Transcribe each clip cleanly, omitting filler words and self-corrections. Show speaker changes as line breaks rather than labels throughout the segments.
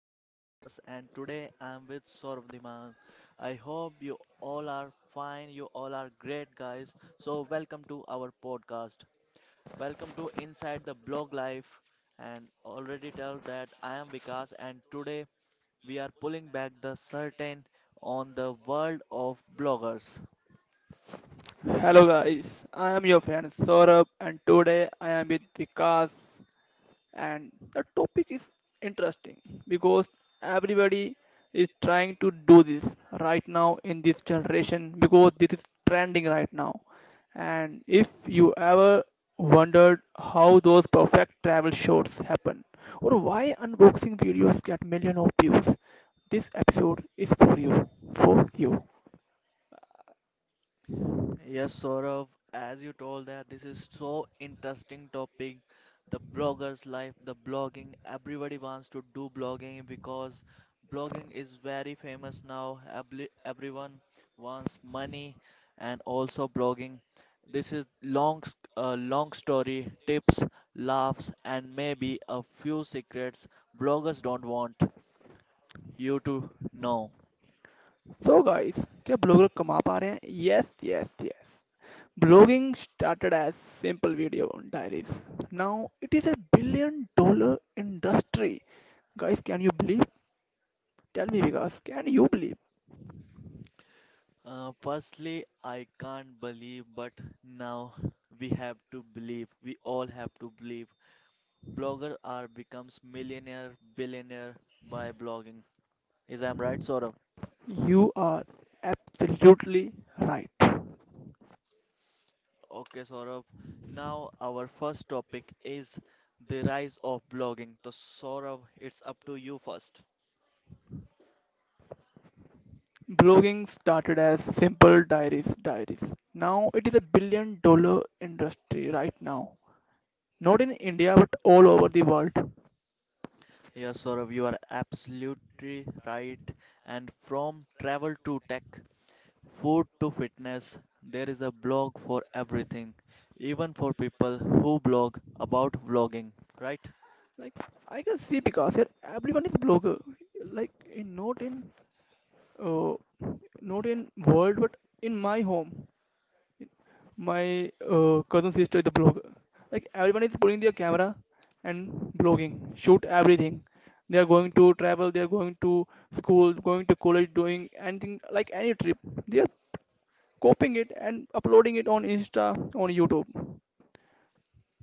I am Vikas, and today I am with Saurabh Dhiman. I hope you all are fine, you all are great, guys. So, welcome to our podcast. Welcome to Inside the Blog Life. And already tell that I am Vikas, and today we are pulling back the curtain on the world of bloggers.
Hello guys, I am your friend Saurabh and today I am with Vikas, and the topic is interesting because everybody is trying to do this right now in this generation because this is trending right now. And if you ever wondered how those perfect travel shots happen or why unboxing videos get millions of views, this episode is for you, for you.
Yes, Saurav, as you told that this is so interesting topic, the blogger's life, the blogging. Everybody wants to do blogging because blogging is very famous now. Everyone wants money and also blogging. This is long, long story, tips, laughs, and maybe a few secrets bloggers don't want you to know.
So guys, क्या blogger कमा पा रहे हैं? Yes, yes, yes. Blogging started as simple video diaries. Now it is $1 billion industry. Guys, can you believe? Tell me, because can you believe?
Firstly, I can't believe, but now we have to believe. We all have to believe. Blogger are becomes millionaire, billionaire by blogging. Is I'm right, Saurabh?
You are absolutely right.
Okay, Saurabh. Now our first topic is the rise of blogging. So Saurabh, it's up to you first.
Blogging started as simple diaries. Now it is $1 billion industry right now. Not in India, but all over the world.
Yes, Saurabh, you are absolutely right. And from travel to tech, food to fitness, there is a blog for everything, even for people who blog about vlogging, right?
Like I can see, because here everyone is blogger. Like in not in uh, not in world, but in my home, my cousin sister is a blogger. Like everyone is putting their camera and blogging, shoot everything. They are going to travel, they are going to school, going to college, doing anything like any trip. They are copying it and uploading it on Insta, on YouTube.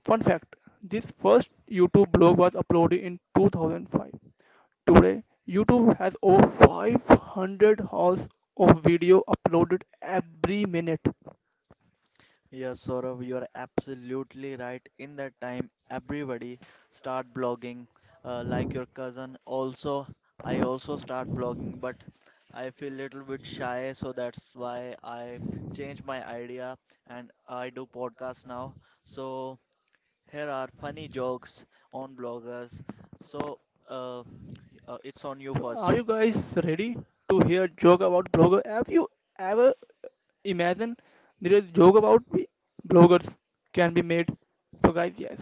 Fun fact: this first YouTube blog was uploaded in 2005. Today, YouTube has over 500 hours of video uploaded every minute.
Yes, Saurav, you are absolutely right. In that time, everybody start blogging, like your cousin. Also, I also start blogging, but I feel little bit shy, so that's why I change my idea and I do podcast now. So here are funny jokes on bloggers. So. Uh, it's on you
So,
first.
are you guys ready to hear joke about blogger? Have you ever imagined there is joke about bloggers can be made? So, guys, yes,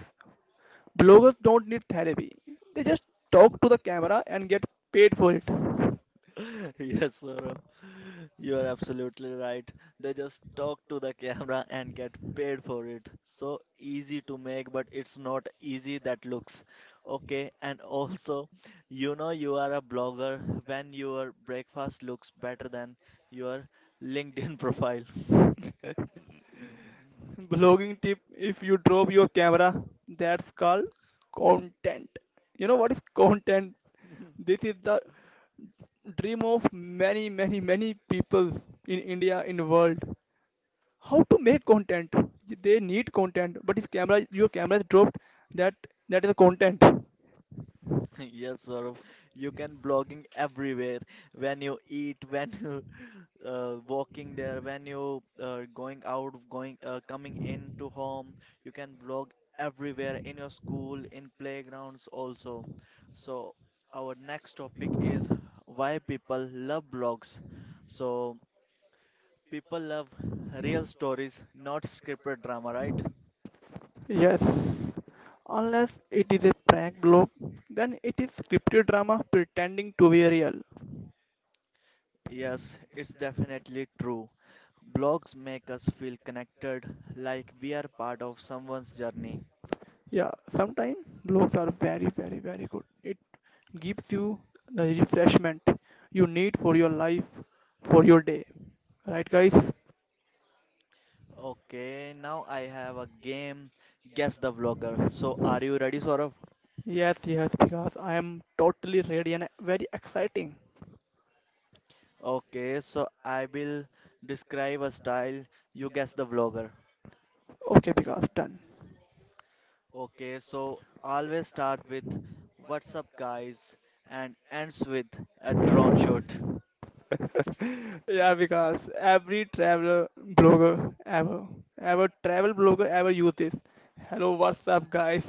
bloggers don't need therapy. They just talk to the camera and get paid for it.
Yes, sir. You are absolutely right. They just talk to the camera and get paid for it. So easy to make, but it's not easy that looks. Okay, and also, you know you are a blogger when your breakfast looks better than your LinkedIn profile.
Blogging tip: if you drop your camera, that's called content. You know what is content? This is the dream of many, many, many people in India, in the world. How to make content? They need content, but if camera, your camera is dropped, that that is a content.
Yes, Saurav. You can blogging everywhere when you eat, when you walking there, when you going out, going coming into home, you can vlog everywhere in your school, in playgrounds also. So our next topic is why people love blogs. So people love real stories, not scripted drama, right?
Yes, unless it is a prank blog, then it is scripted drama pretending to be real.
Yes, it's definitely true. Blogs make us feel connected, like we are part of someone's journey.
Yeah, sometimes blogs are very, very, very good. It gives you the refreshment you need for your life, for your day. Right, guys?
Okay, now I have a game, Guess the Vlogger. So, are you ready, Saurabh?
Yes, yes, because I am totally ready and very exciting.
Okay, so I will describe a style, you guess the vlogger.
Okay, because done.
Okay, so always start with "What's up, guys," and ends with a drone shot.
Yeah, because blogger ever, ever travel blogger ever use this. Hello, what's up, guys?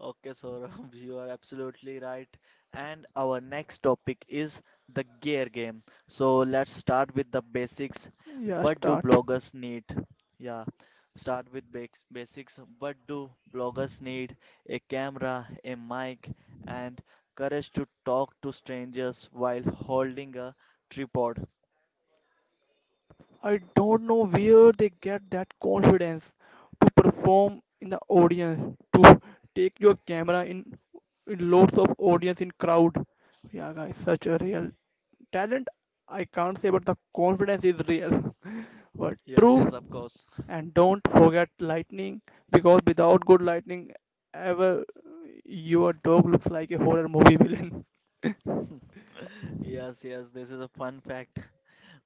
Okay, Saurabh, you are absolutely right. And our next topic is the gear game. So let's start with the basics.
Yeah,
What do
start.
bloggers need? Yeah, start with basics. What do bloggers need? A camera, a mic, and courage to talk to strangers while holding a tripod.
I don't know where they get that confidence to perform in the audience, to take your camera in lots of audience in crowd. Yeah, guys, such a real talent, I can't say, but the confidence is real. But
Yes,
true,
yes, of course.
and don't forget lightning, because without good lightning, ever your dog looks like a horror movie villain.
Yes, yes, this is a fun fact.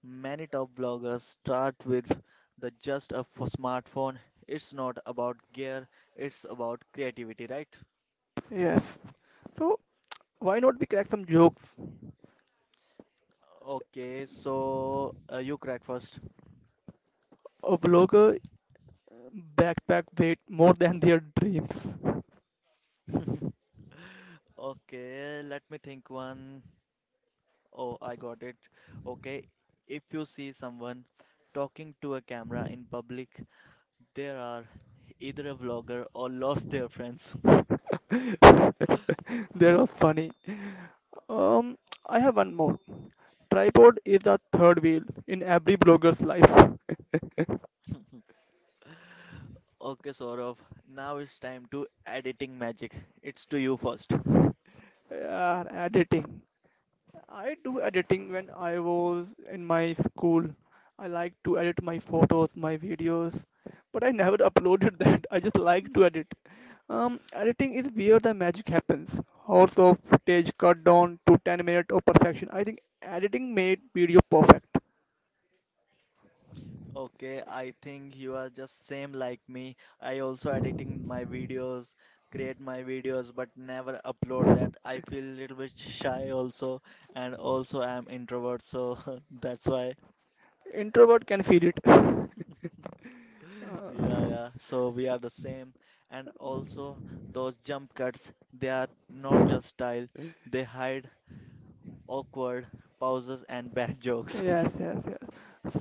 Many top bloggers start with the just a smartphone. It's not about gear, it's about creativity, right?
Yes. So why not we crack some jokes?
Okay, so you crack first.
A vlogger backpack weight more than their dreams.
Okay, let me think one. Oh, I got it. Okay, if you see someone talking to a camera in public, there are either a vlogger or lost their friends.
They are funny. Um, I have one more. Tripod is the third wheel in every blogger's life.
Okay, Saurav, now it's time to editing magic. It's to you first.
Yeah, editing. I do editing when I was in my school. I like to edit my photos, my videos, but I never uploaded that. I just like to edit. Editing is where the magic happens. Hours of footage cut down to 10 minutes of perfection. I think editing made video perfect.
Okay, I think you are just same like me. I also editing my videos, create my videos, but never upload that. I feel a little bit shy also, and also I am introvert, so that's why.
Introvert can feel it.
Yeah,
Uh,
yeah. So we are the same. And also those jump cuts, they are not just style, they hide awkward pauses and bad jokes.
yes, yes, yes.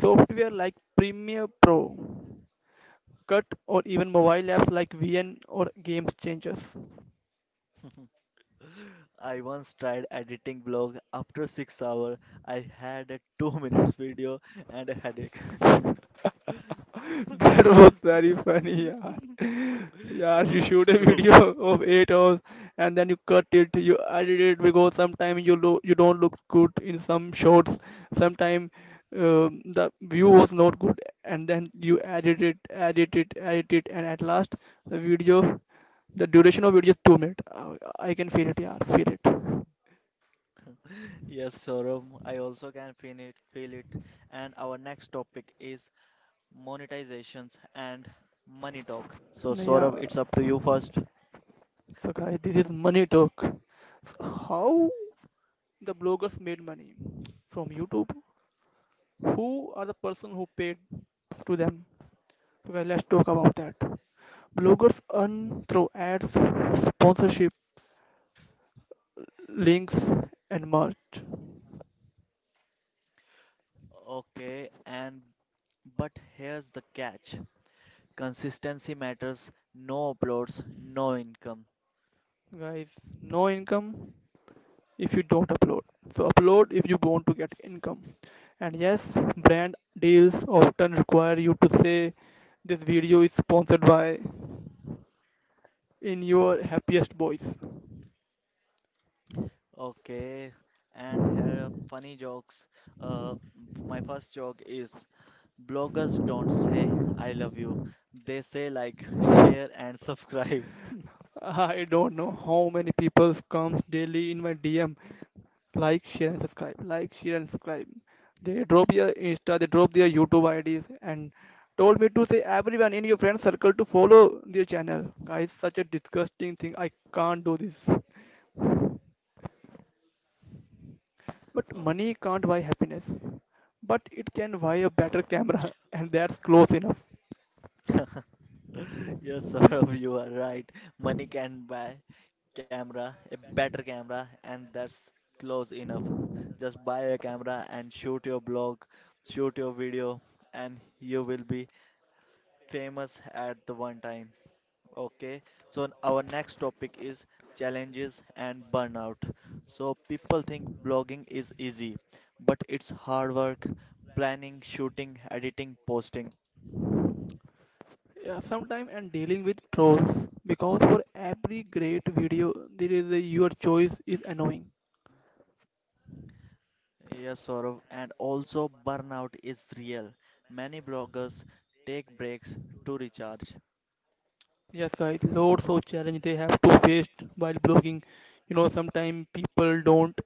Software like Premiere Pro. Cut or even mobile apps like VN or Game Changers.
I once tried editing vlog. After 6 hours, I had a 2 minutes video and a headache.
That was very funny, yaar. Yaar, you
Oh,
shoot
it's
a
true.
video of 8 hours and then you cut it, you edit it because sometimes you don't look good in some shots, sometimes the view was not good, and then you edit it, edit it, edit it, and at last the video, the duration of video is 2 minutes. I can feel it, yaar, feel it.
Yes, Saurabh, I also can feel it, feel it. And our next topic is monetizations and money talk. So,
No, yeah.
Saurabh, it's up to you first.
So, guys, this is money talk. So how the bloggers made money from YouTube? Who are the person who paid to them? So, guys, let's talk about that. Bloggers earn through ads, sponsorship, links, and merch.
Okay, and but here's the catch. Consistency matters, no uploads, no income.
Guys, no income if you don't upload. So, upload if you want to get income. And yes, brand deals often require you to say this video is sponsored by in your happiest voice.
Okay, and here are funny jokes. Uh, my first joke is bloggers don't say I love you. They say like share and subscribe.
I don't know how many people comes daily in my DM. Like, share, and subscribe. Like, share, and subscribe. They drop their Insta, they drop their YouTube IDs, and told me to say everyone in your friend circle to follow their channel. Guys, such a disgusting thing. I can't do this. But
Oh.
money can't buy happiness. But it can buy a better camera, and that's close enough.
Yes, Saurabh, you are right. Money can buy camera, a better camera, and that's close enough. Just buy a camera and shoot your blog, shoot your video, and you will be famous at the one time. Okay, so our next topic is challenges and burnout. So people think blogging is easy, but it's hard work, planning, shooting, editing, posting.
Yeah, sometimes I'm dealing with trolls because for every great video, there is a your choice is annoying.
Yes, Saurav, and also burnout is real. Many bloggers take breaks to recharge.
Yes, guys, loads of challenge they have to face while blogging. You know, sometimes people don't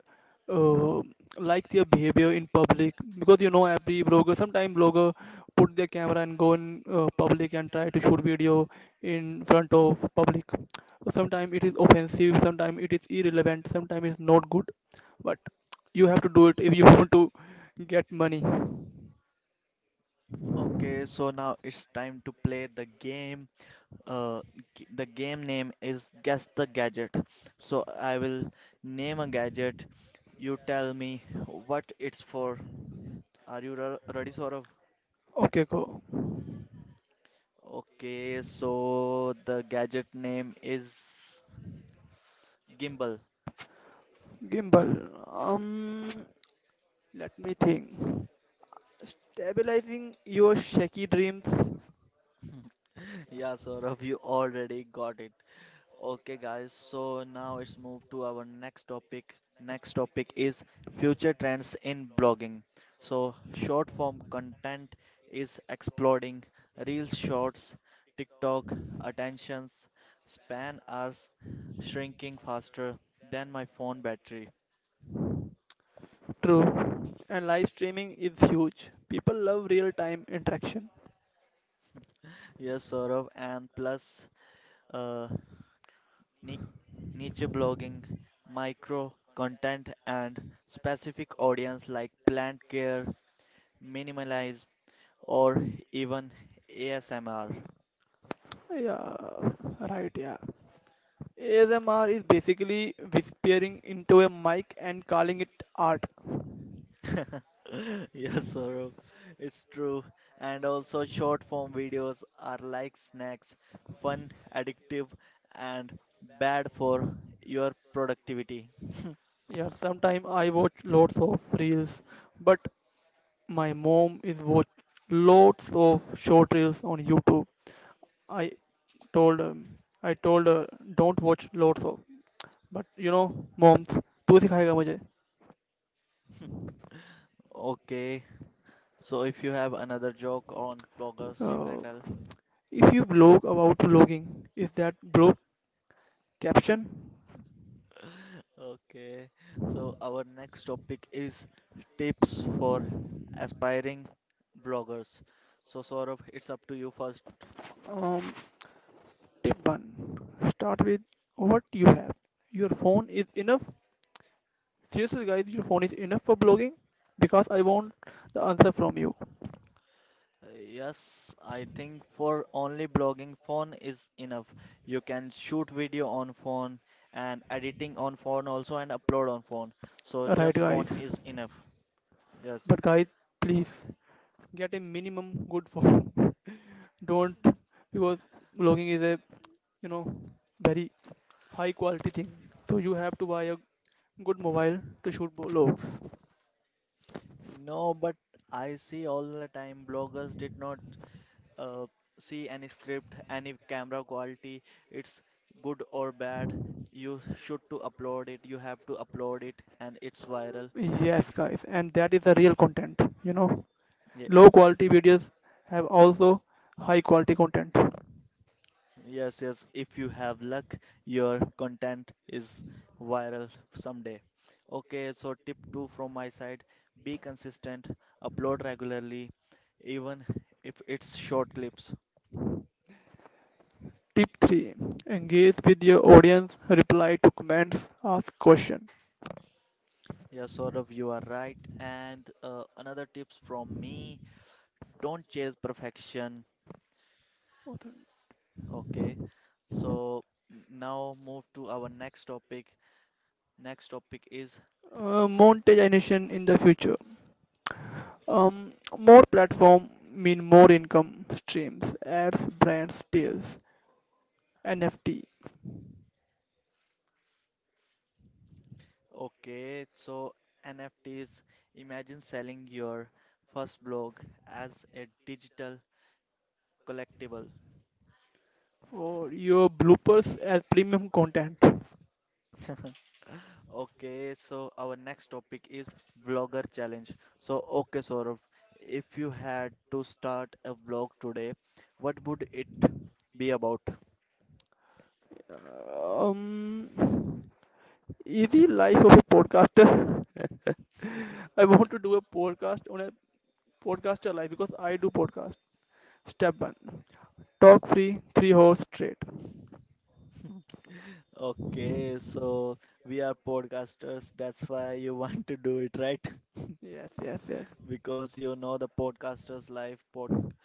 uh, like their behavior in public, because you know every blogger, sometimes blogger put their camera and go in public and try to shoot video in front of public. Sometimes it is offensive, sometimes it is irrelevant, sometimes it's not good. But you have to do it if you want to get money.
Okay, so now it's time to play the game uh, the game name is Guess the Gadget. So I will name a gadget. You tell me what it's for. Are you ready, Saurav?
Okay, go.
Okay, so the gadget name is Gimbal.
Gimbal. Um, Let me think. Stabilizing your shaky rims,
Yeah, Saurav, you already got it. Okay, guys, so now it's moved to our next topic. Next topic is future trends in blogging. So, short form content is exploding. Reels, shorts, TikTok, attentions, span are shrinking faster than my phone battery.
true. And live streaming is huge. People love real time interaction.
Yes, Saurav, and plus uh, ni- niche blogging, micro content, and specific audience like plant care, minimalized or even ASMR.
Yeah, right, yeah. ASMR is basically peering into a mic and calling it art.
Yes, Saurabh, it's true. And also, short form videos are like snacks, fun, addictive, and bad for your productivity.
Yeah, sometimes I watch lots of reels, but my mom is watch lots of short reels on YouTube. I told um, I told her don't watch lots of, but you know, moms, तू सिखाएगा मुझे.
Okay, so if you have another joke on bloggers, you
Uh,
can tell.
If you blog about blogging, is that blog caption?
Okay, so our next topic is tips for aspiring bloggers. So, Saurabh, it's up to you first.
Um, Tip 1, start with what you have. Your phone is enough. Seriously, guys, your phone is enough for blogging because I want the answer from you.
Yes, I think for only blogging phone is enough. You can shoot video on phone and editing on phone also and upload on phone. So
Right,
just phone
guys?
is enough. Yes.
But, guys, please get a minimum good phone. Don't, because blogging is a, you know, very high quality thing. So, you have to buy a good mobile to shoot blogs.
No, but I see all the time bloggers did not uh, see any script, any camera quality. It's good or bad. You should to upload it. You have to upload it and it's viral. If
Yes, guys, and that is the real content. You know, low quality videos have also high quality content.
Yes, yes. If you have luck, your content is viral someday. Okay, so tip two from my side, be consistent, upload regularly, even if it's short clips.
Tip 3, engage with your audience, reply to comments, ask questions.
Yes, sort of, you are right. And another tips from me, don't chase perfection. Okay, so now move to our next topic. Next topic is.
Monetization in the future. More platform mean more income streams, ads, brands, deals, NFT
Okay, so NFTs, imagine selling your first blog as a digital collectible.
for your bloopers as premium content.
Okay, so our next topic is blogger challenge. So, okay, Saurabh, if you had to start a blog today, what would it be about?
Uh, Um, Easy life of a podcaster. I want to do a podcast on a podcaster life because I do podcast. Step one, talk free 3 hours straight.
Okay, so we are podcasters, that's why you want to do it, right?
Yes, yes, yes.
Because you know the podcasters' life,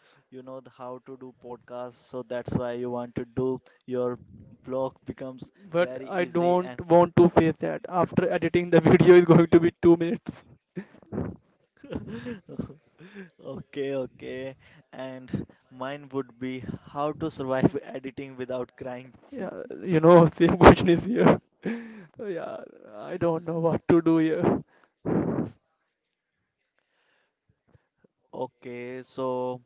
you know the how to do podcasts, so that's why you want to do your blog becomes very
But I
easy and
don't want to face that. After editing, the video is going to be 2 minutes.
okay, okay. And mine would be how to survive editing without crying.
Yeah, you know, same question is here. So, yeah, I don't know what to do here.
Okay, so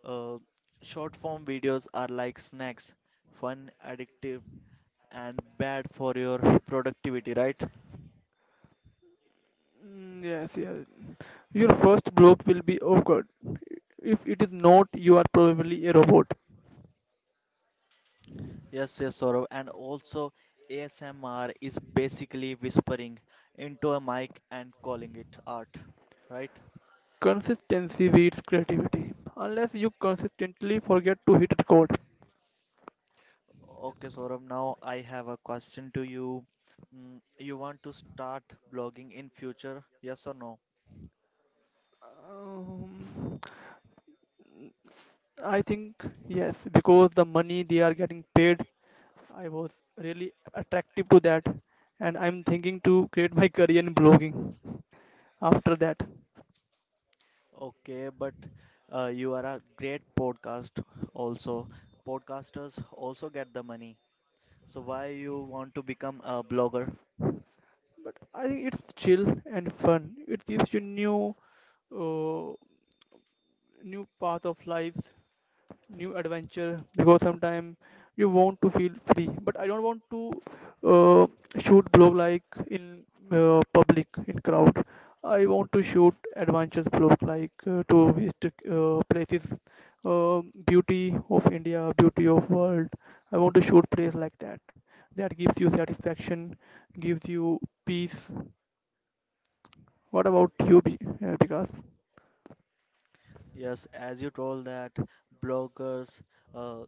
uh, short form videos are like snacks, fun, addictive, and bad for your productivity, right?
Mm, yes, yes. Your first block will be awkward. If it is not, you are probably a robot.
Yes, yes, Saurav. And also, ASMR is basically whispering into a mic and calling it art, right?
Consistency beats creativity. Unless you consistently forget to hit record.
Okay, Saurav, now I have a question to you. You want to start blogging in future? Yes or no?
Um, I think yes, because the money they are getting paid, I was really attractive to that, and I'm thinking to create my career in blogging after that.
Okay, but you are a great podcast also. Podcasters also get the money. So why you want to become a blogger?
But I think it's chill and fun. It gives you uh, new path of life, new adventure, because sometimes you want to feel free but I don't want to uh, shoot blog like in public in crowd. I want to shoot adventures blog like to visit places, uh, beauty of India, beauty of world. I want to shoot place like that, that gives you satisfaction, gives you peace. What about you, because
Yes, as you told that bloggers uh,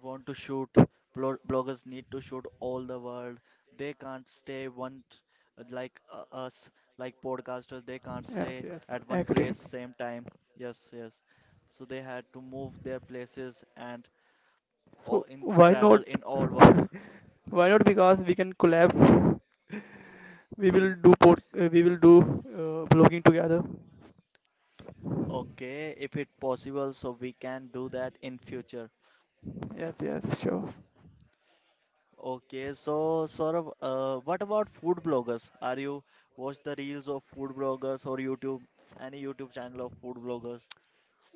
want to shoot bloggers need to shoot all the world. They can't stay like us, like podcasters. They can't
yes,
stay
yes,
at one
agree.
place same time. Yes, yes, so they had to move their places and
So
or in
why not?
travel in all world.
Why not? Because we can collab. We
Hmm.
will do vlogging together.
Okay, if it possible so we can do that in future.
Yes, yes, sure.
Okay, so sort of what about food bloggers? Are you watch the reels of food bloggers or YouTube, any YouTube channel of food bloggers?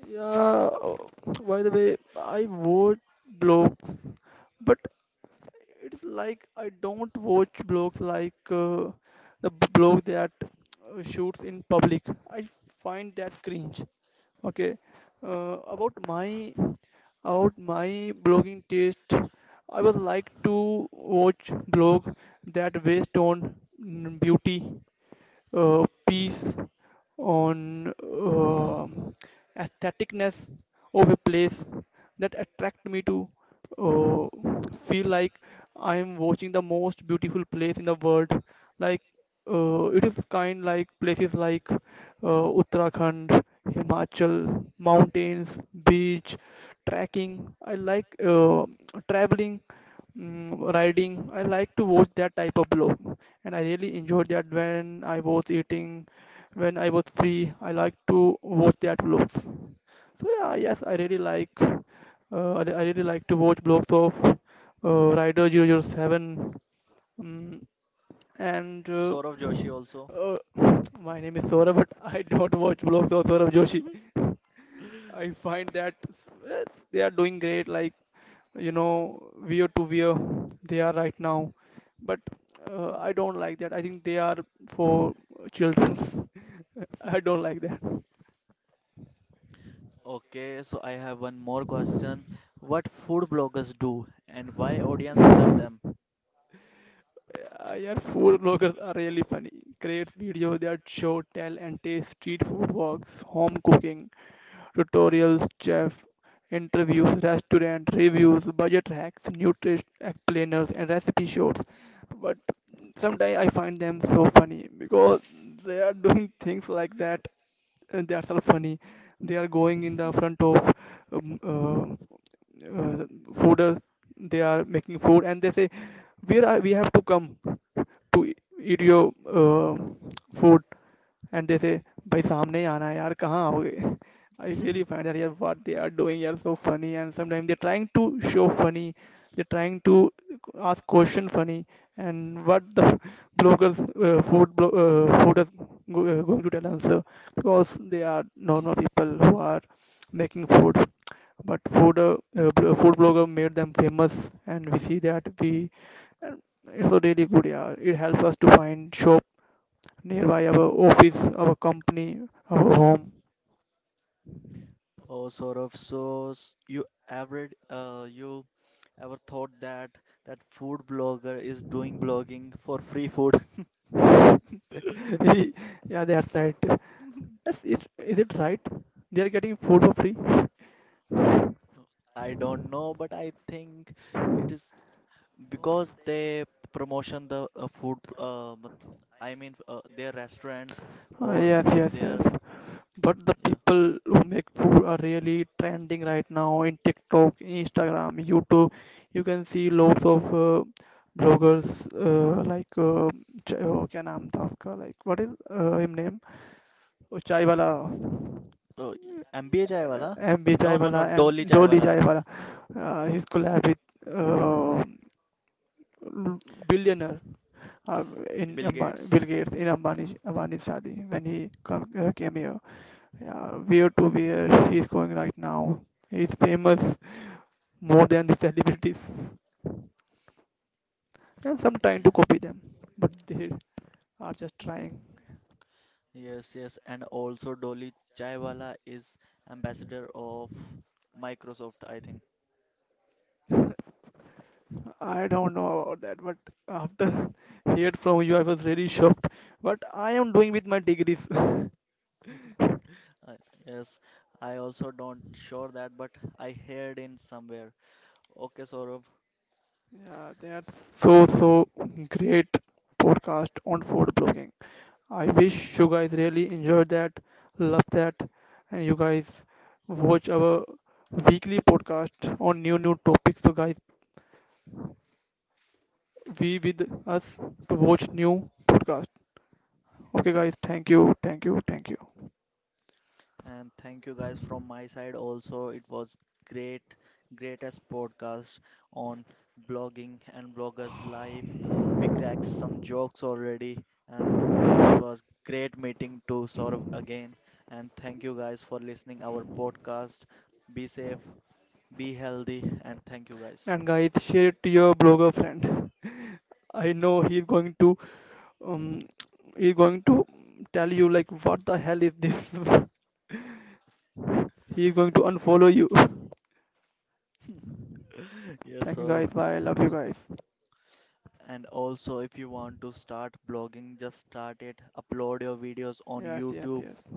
Yeah. Oh, by the way, I watch blogs, but it's like I don't watch blogs like the blog that shoots in public. I find that cringe. Okay, uh, about my about my blogging taste, I would like to watch blog that based on beauty, piece on aestheticness of a place that attract me to uh, feel like I am watching the most beautiful place in the world. Like it is kind like places like Uttarakhand, Himachal, mountains, beach, trekking. I like traveling. Riding. I like to watch that type of blog, and I really enjoyed that when I was eating, when I was free. I like to watch that blogs. So yeah, yes, I really like. I really like to watch blogs of Rider zero zero 007. Um, and
Saurav Joshi also.
uh, my name is Saurabh, but I don't watch blogs of Saurabh Joshi. I find that s- eh, they are doing great. Like you know, veer to veer they are right now. But I don't like that. I think they are for children. I don't like that.
Okay, so I have one more question. What food bloggers do and why audience love them?
Uh, yeah, food bloggers are really funny. Create videos that show, tell, and taste street food walks, home cooking, tutorials, chef, interviews, restaurant reviews, budget hacks, nutrition explainers, and recipe shorts. But sometimes I find them so funny because they are doing things like that, they are so funny, they are going in the front of um, uh, uh, food, they are making food and they say where are we have to come to eat your food and they say, "Bhai, सामने ही आना है यार कहाँ आओगे I really what they are doing are so funny." And sometimes they are trying to show funny. They are trying to ask question funny. And what the bloggers food is going to tell answer, because they are normal people who are making food but food blogger made them famous and we see that we uh, it was really good, yeah. It helped us to find shop nearby our office, our company, our home.
Oh, Saurav, you ever thought that that food blogger is doing blogging for free food?
Yeah, that's right. Yes, is it right? They are getting food for free.
I don't know, but I think it is because they promotion the food. I mean, their restaurants or
Yes, yes, yes.
their
But the
yeah.
people who make food are really trending right now in TikTok, Instagram, YouTube. You can see lots of bloggers like oh, क्या नाम था उसका like what is him name? Oh, चाय वाला
Oh, MBA chai wala?
M B
No, no,
chaiwala
no,
M
Dolly chai
jolly
wala.
Chaiwala his collab with billionaire uh, in
Bill
Bill
Gates.
Gates in Ambani's Shadi when he came here. Yeah, where to where he is going right now. He is famous more than the celebrities, and some trying to copy them, but they are just trying.
Yes, yes, and also Dolly Chaiwala is ambassador of Microsoft, I think.
I don't know about that, but after heard from you, I was really shocked. What I am doing with my degrees?
Uh, yes, I also don't sure that, but I heard in somewhere. Okay, Saurabh.
Yeah, they are so great podcast on food blogging. I wish you guys really enjoyed that, love that, and you guys watch our weekly podcast on new topics. So guys, be with us to watch new podcast. Okay, guys, thank you, thank you, thank you,
And thank you guys from my side also. It was great, greatest podcast on blogging and bloggers live. We cracked some jokes already, and it was great meeting to Saurav again. And thank you guys for listening our podcast. Be safe, be healthy, and thank you guys.
and guys, share it to your blogger friend. I know um he's going to tell you like what the hell is this. He's going to unfollow you.
Yes,
Thank you
Saurav.
guys. Bye. I love you guys.
And also, if you want to start blogging, just start it. Upload your videos on
Yes, yes,
YouTube.
yes.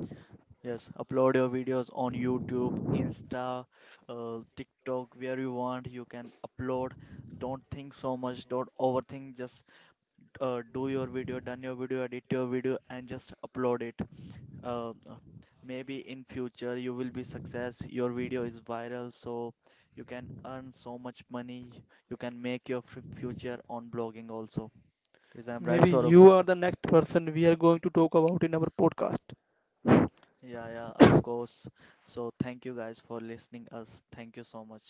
Yes, upload your videos on YouTube, Insta, TikTok, where you want, you can upload. Don't think so much, don't overthink, just do your video, done your video, edit your video, and just upload it. Uh, uh, Maybe in future you will be success, your video is viral, so you can earn so much money. You can make your f future on blogging also. Is I'm right,
Maybe
Saurabh?
you are the next person we are going to talk about in our podcast.
Yeah, yeah, of course. So thank you guys for listening us. Thank you so much.